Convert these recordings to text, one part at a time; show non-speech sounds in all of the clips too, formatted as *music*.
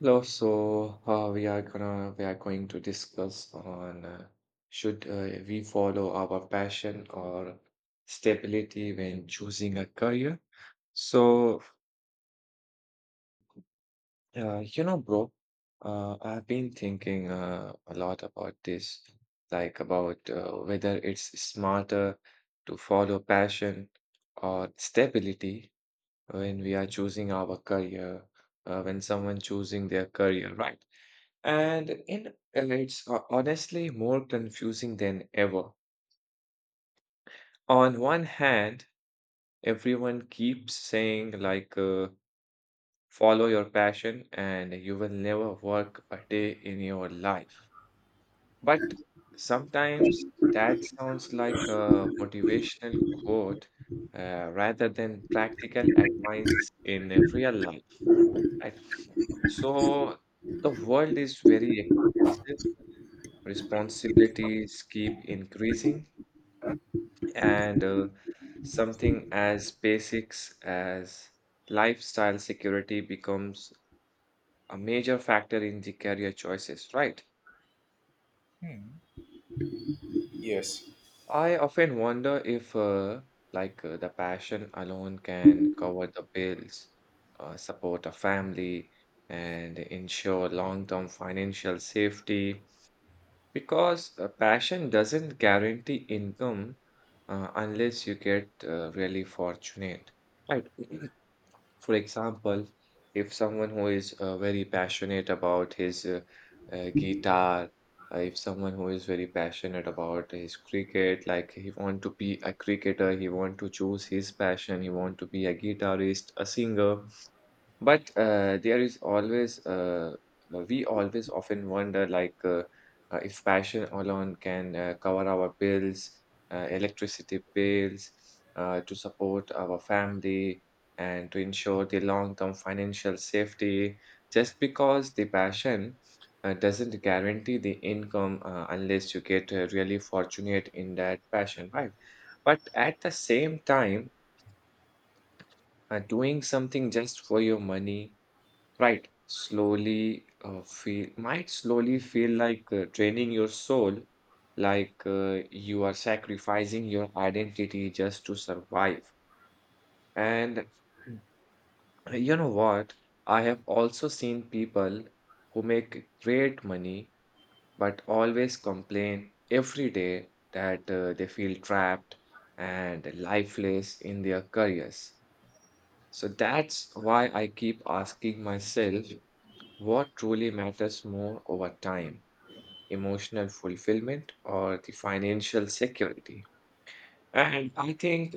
Hello. So we are going to discuss on should we follow our passion or stability when choosing a career. So bro, I've been thinking a lot about this, like about whether it's smarter to follow passion or stability when we are choosing our career, when someone choosing their career, right? And in it's ho- Honestly, more confusing than ever. On one hand, everyone keeps saying like, follow your passion and you will never work a day in your life. But sometimes that sounds like a motivational quote rather than practical advice in real life, right? So the world is very expensive. Responsibilities keep increasing, and something as basics as lifestyle security becomes a major factor in the career choices, right? Hmm. Yes. I often wonder if, the passion alone can cover the bills, support a family, and ensure long-term financial safety. Because passion doesn't guarantee income unless you get really fortunate. Right. *clears throat* For example, if someone who is very passionate about his guitar, if someone who is very passionate about his cricket, like he want to be a cricketer, he want to choose his passion, he want to be a guitarist, a singer, but there is always, well, we always often wonder like, if passion alone can cover our bills, electricity bills, to support our family and to ensure the long-term financial safety. Just because the passion doesn't guarantee the income unless you get really fortunate in that passion, right? But at the same time, doing something just for your money. Right. Slowly feel Might slowly feel like training your soul, like you are sacrificing your identity just to survive. And you know what? I have also seen people who make great money but always complain every day that they feel trapped and lifeless in their careers. So that's why I keep asking myself what truly matters more over time, emotional fulfillment or the financial security? And I think,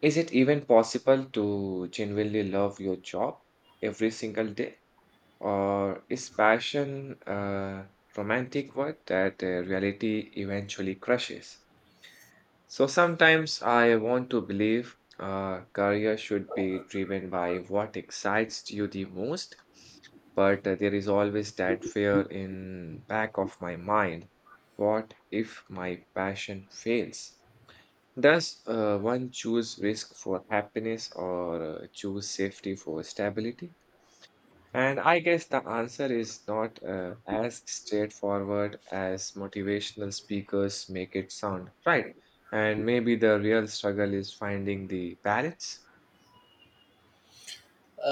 is it even possible to genuinely love your job every single day? Or is passion romantic work that reality eventually crushes? So sometimes I want to believe career should be driven by what excites you the most, but there is always that fear in back of my mind. What if my passion fails? Does one choose risk for happiness or choose safety for stability? And I guess the answer is not as straightforward as motivational speakers make it sound, right? And maybe the real struggle is finding the balance.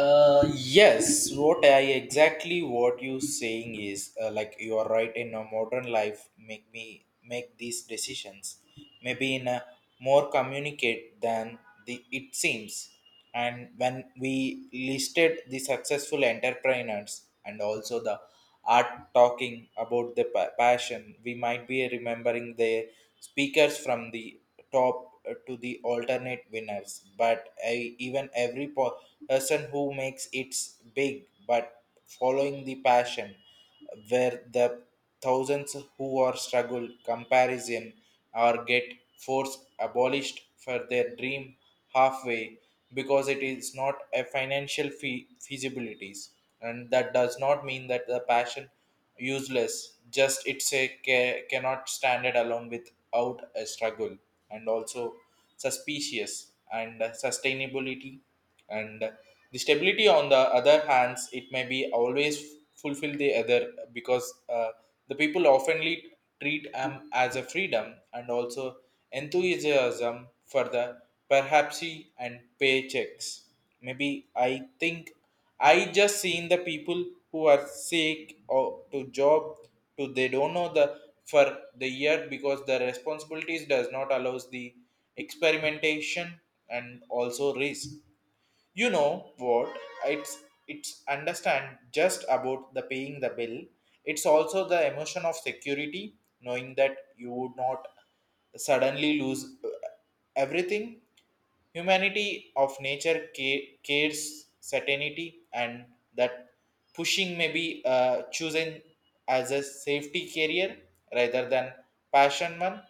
Yes, what I exactly what you saying is like you are right in a modern life make me make these decisions maybe in a more communicate than the it seems, and when we listed the successful entrepreneurs and also the are talking about the passion, we might be remembering the speakers from the top to the alternate winners, but I, even every person who makes it's big, but following the passion where the thousands who are struggle comparison or get force abolished for their dream halfway because it is not a financial feasibilities, and that does not mean that the passion useless, just it's a cannot stand it alone without a struggle and also suspicious and sustainability. And the stability on the other hands, it may be always fulfill the other because the people oftenly treat am as a freedom and also enthusiasm for the perhaps and paychecks, maybe. I think I just seen the people who are sick or to job to they don't know the for the year because the responsibilities does not allows the experimentation and also risk. You know what? It's it's understand just about the paying the bill. It's also the emotion of security, knowing that you would not suddenly lose everything. Humanity of nature cares certainty, and that pushing may be chosen as a safety career rather than passion one.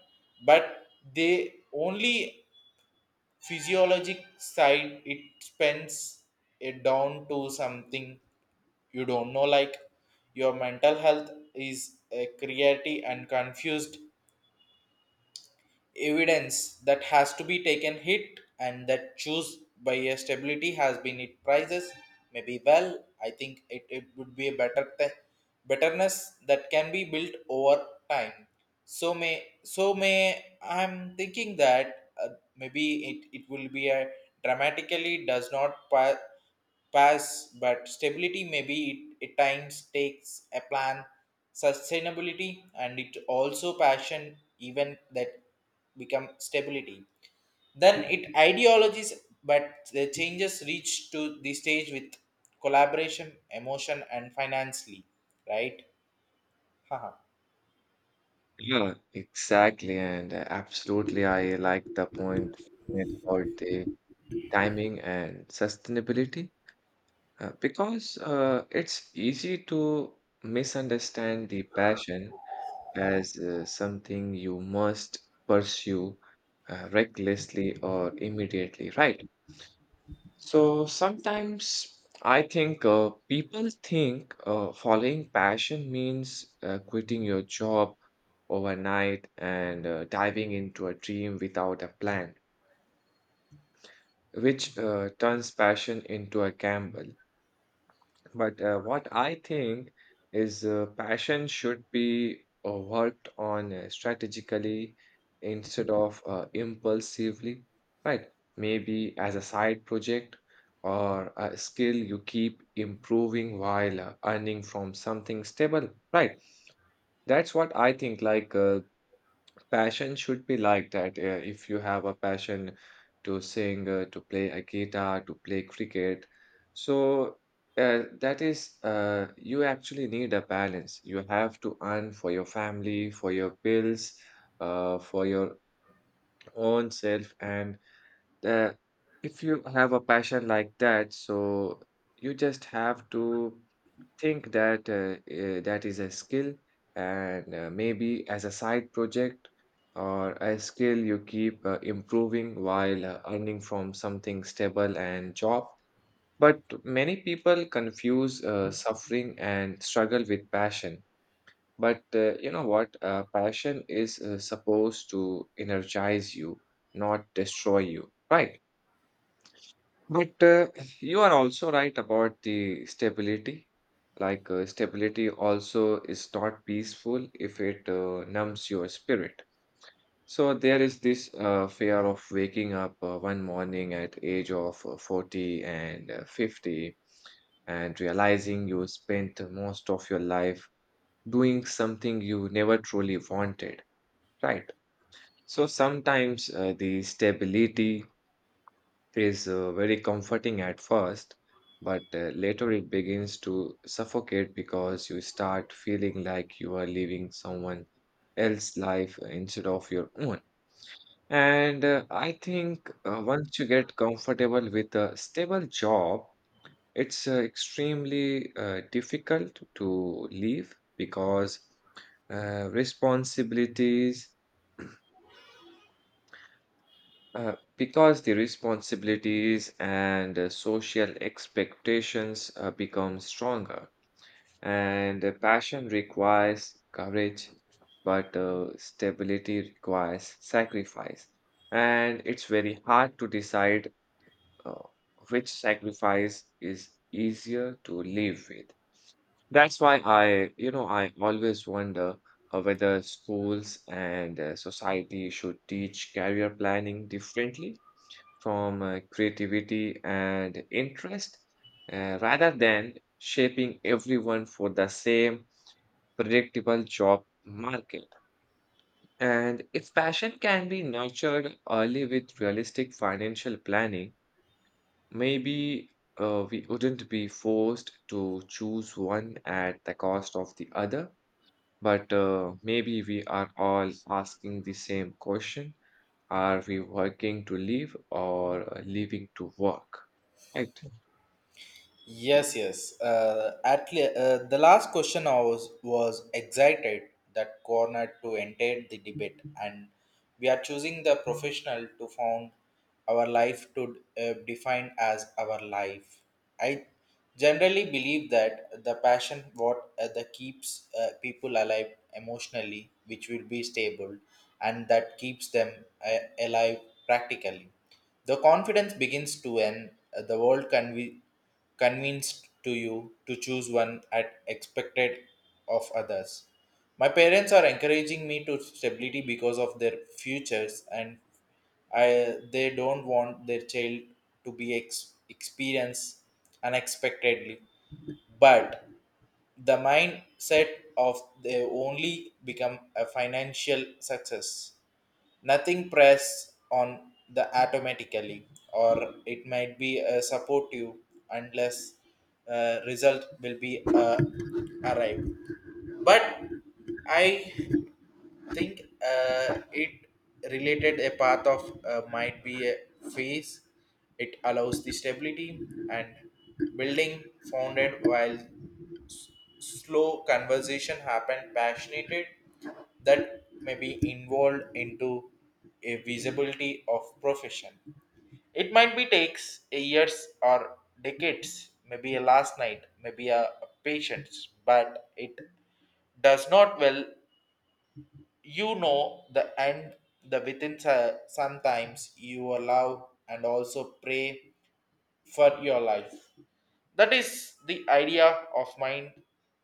But they only physiologic side it spends it down to something you don't know, like your mental health is creative and confused evidence that has to be taken hit, and that choose by a stability has been it prices maybe. I think it would be a better betterness that can be built over time. So may I'm thinking that maybe it will be a dramatically does not pass, but stability maybe at times takes a plan, sustainability, and it also passion even that become stability. Then it ideologies, but the changes reach to the stage with collaboration, emotion, and financially, right? *laughs* Haha. Yeah, exactly. And absolutely, I like the point you made about the timing and sustainability because it's easy to misunderstand the passion as something you must pursue recklessly or immediately, right? So sometimes I think people think following passion means quitting your job overnight and diving into a dream without a plan, which turns passion into a gamble. But what I think is passion should be worked on strategically instead of impulsively, right? Maybe as a side project or a skill you keep improving while earning from something stable, right? That's what I think. Like, passion should be like that. If you have a passion to sing, to play a guitar, to play cricket, so that is, you actually need a balance. You have to earn for your family, for your bills, for your own self, and uh, if you have a passion like that, so you just have to think that that is a skill, and maybe as a side project or a skill you keep improving while earning from something stable and job. But many people confuse suffering and struggle with passion, but you know what, passion is supposed to energize you, not destroy you, right? But you are also right about the stability. Like, stability also is not peaceful if it numbs your spirit. So there is this fear of waking up one morning at age of 40 and 50 and realizing you spent most of your life doing something you never truly wanted, right? So sometimes the stability is very comforting at first, but later it begins to suffocate because you start feeling like you are living someone else's life instead of your own. And I think once you get comfortable with a stable job, it's extremely difficult to leave because responsibilities because the responsibilities and social expectations become stronger, and passion requires courage, but stability requires sacrifice. And it's very hard to decide uh, which sacrifice is easier to live with. That's why I, you know, I always wonder whether schools and society should teach career planning differently from creativity and interest rather than shaping everyone for the same predictable job market. And if passion can be nurtured early with realistic financial planning, maybe we wouldn't be forced to choose one at the cost of the other. But maybe we are all asking the same question. Are we working to live or living to work? Right. Yes, yes. At the last question I was excited that corner to enter the debate, and we are choosing the professional to found our life to define as our life. I generally believe that the passion what that keeps people alive emotionally, which will be stable, and that keeps them alive practically the confidence begins to end, the world can be convinced to you to choose one at expected of others. My parents are encouraging me to stability because of their futures, and I, they don't want their child to be experienced unexpectedly. But the mindset of they only become a financial success, nothing press on the automatically or it might be a supportive unless result will be arrived. But I think it related a path of might be a phase, it allows the stability and building founded while slow conversation happened passionate that may be involved into a visibility of profession. It might be takes a years or decades, maybe a last night, maybe a patience, but it does not well, you know, the end the within sometimes you allow and also pray for your life. That is the idea of mind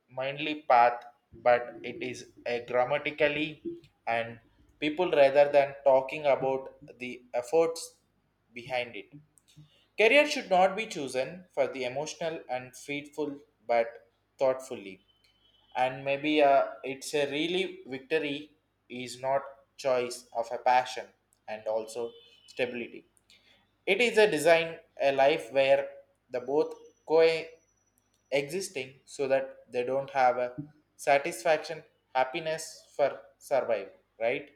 mindly path, but it is a grammatically. And people rather than talking about the efforts behind it, career should not be chosen for the emotional and faithful, but thoughtfully. And maybe it's a really victory is not choice of a passion and also stability. It is a design a life where the both co existing so that they don't have a satisfaction happiness for survive, right?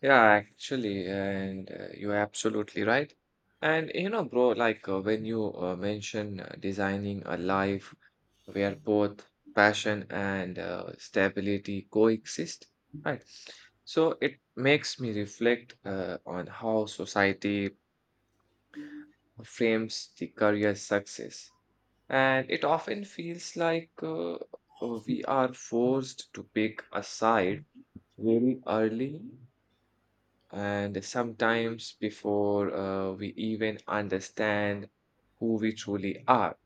Yeah, actually, and you're absolutely right. And you know, bro, like when you mention designing a life where both passion and stability coexist, right? So it makes me reflect on how society frames the career success. And it often feels like we are forced to pick a side very early, and sometimes before we even understand who we truly are.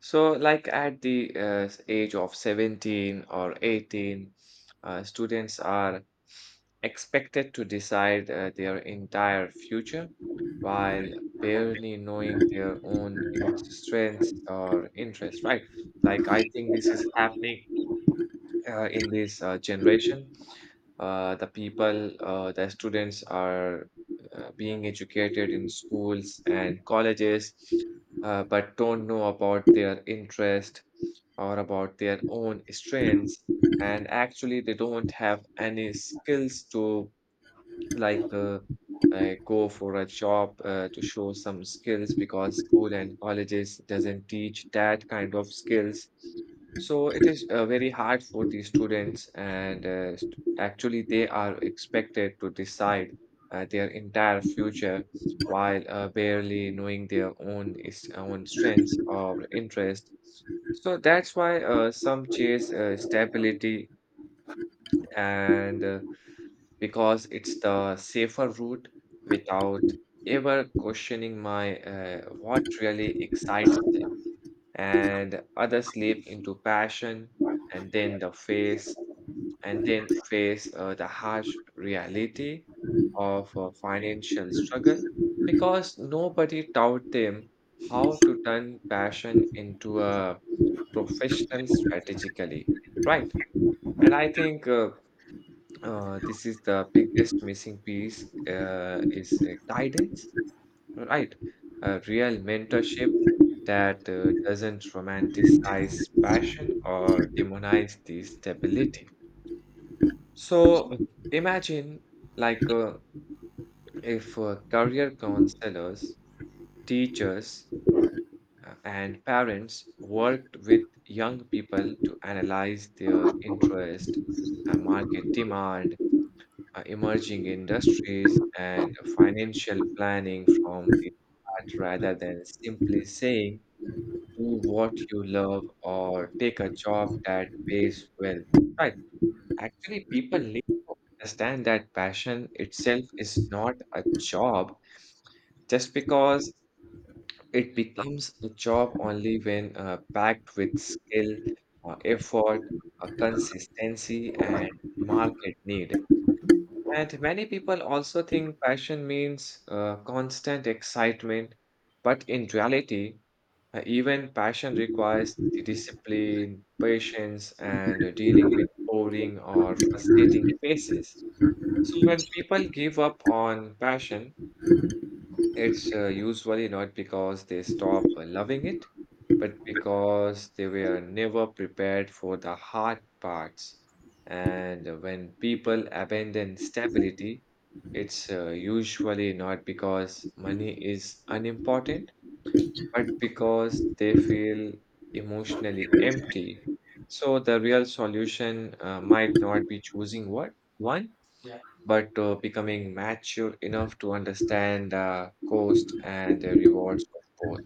So, like at the age of 17 or 18, students are expected to decide their entire future while barely knowing their own in strengths or interests, right? Like, I think this is happening in this generation, the students are being educated in schools and colleges, but don't know about their interest or about their own strengths. And actually, they don't have any skills to like, I go for a job to show some skills because school and colleges doesn't teach that kind of skills. So it is very hard for the students, and actually they are expected to decide their entire future while barely knowing their own is own strengths or interest. So that's why some chase stability, and because it's the safer route without ever questioning my what really excites them, and others slip into passion and then the face and then face the harsh reality of financial struggle because nobody taught them how to turn passion into a professional strategically, right? And I think this is the biggest missing piece, is guidance, right? A real mentorship that doesn't romanticize passion or demonize the stability. So imagine like if career counselors, teachers, and parents worked with young people to analyze their interest, market demand, emerging industries and financial planning from the start rather than simply saying do what you love or take a job that pays well, right? Actually, people need to understand that passion itself is not a job. Just because it becomes a job only when backed with skill, effort, consistency and market need. And many people also think passion means constant excitement, but in reality, even passion requires the discipline, patience, and dealing with boring or frustrating phases. So when people give up on passion, it's usually not because they stop loving it, but because they were never prepared for the hard parts. And when people abandon stability, it's usually not because money is unimportant but because they feel emotionally empty. So the real solution might not be choosing what one, yeah, but becoming mature enough to understand the cost and the rewards of both.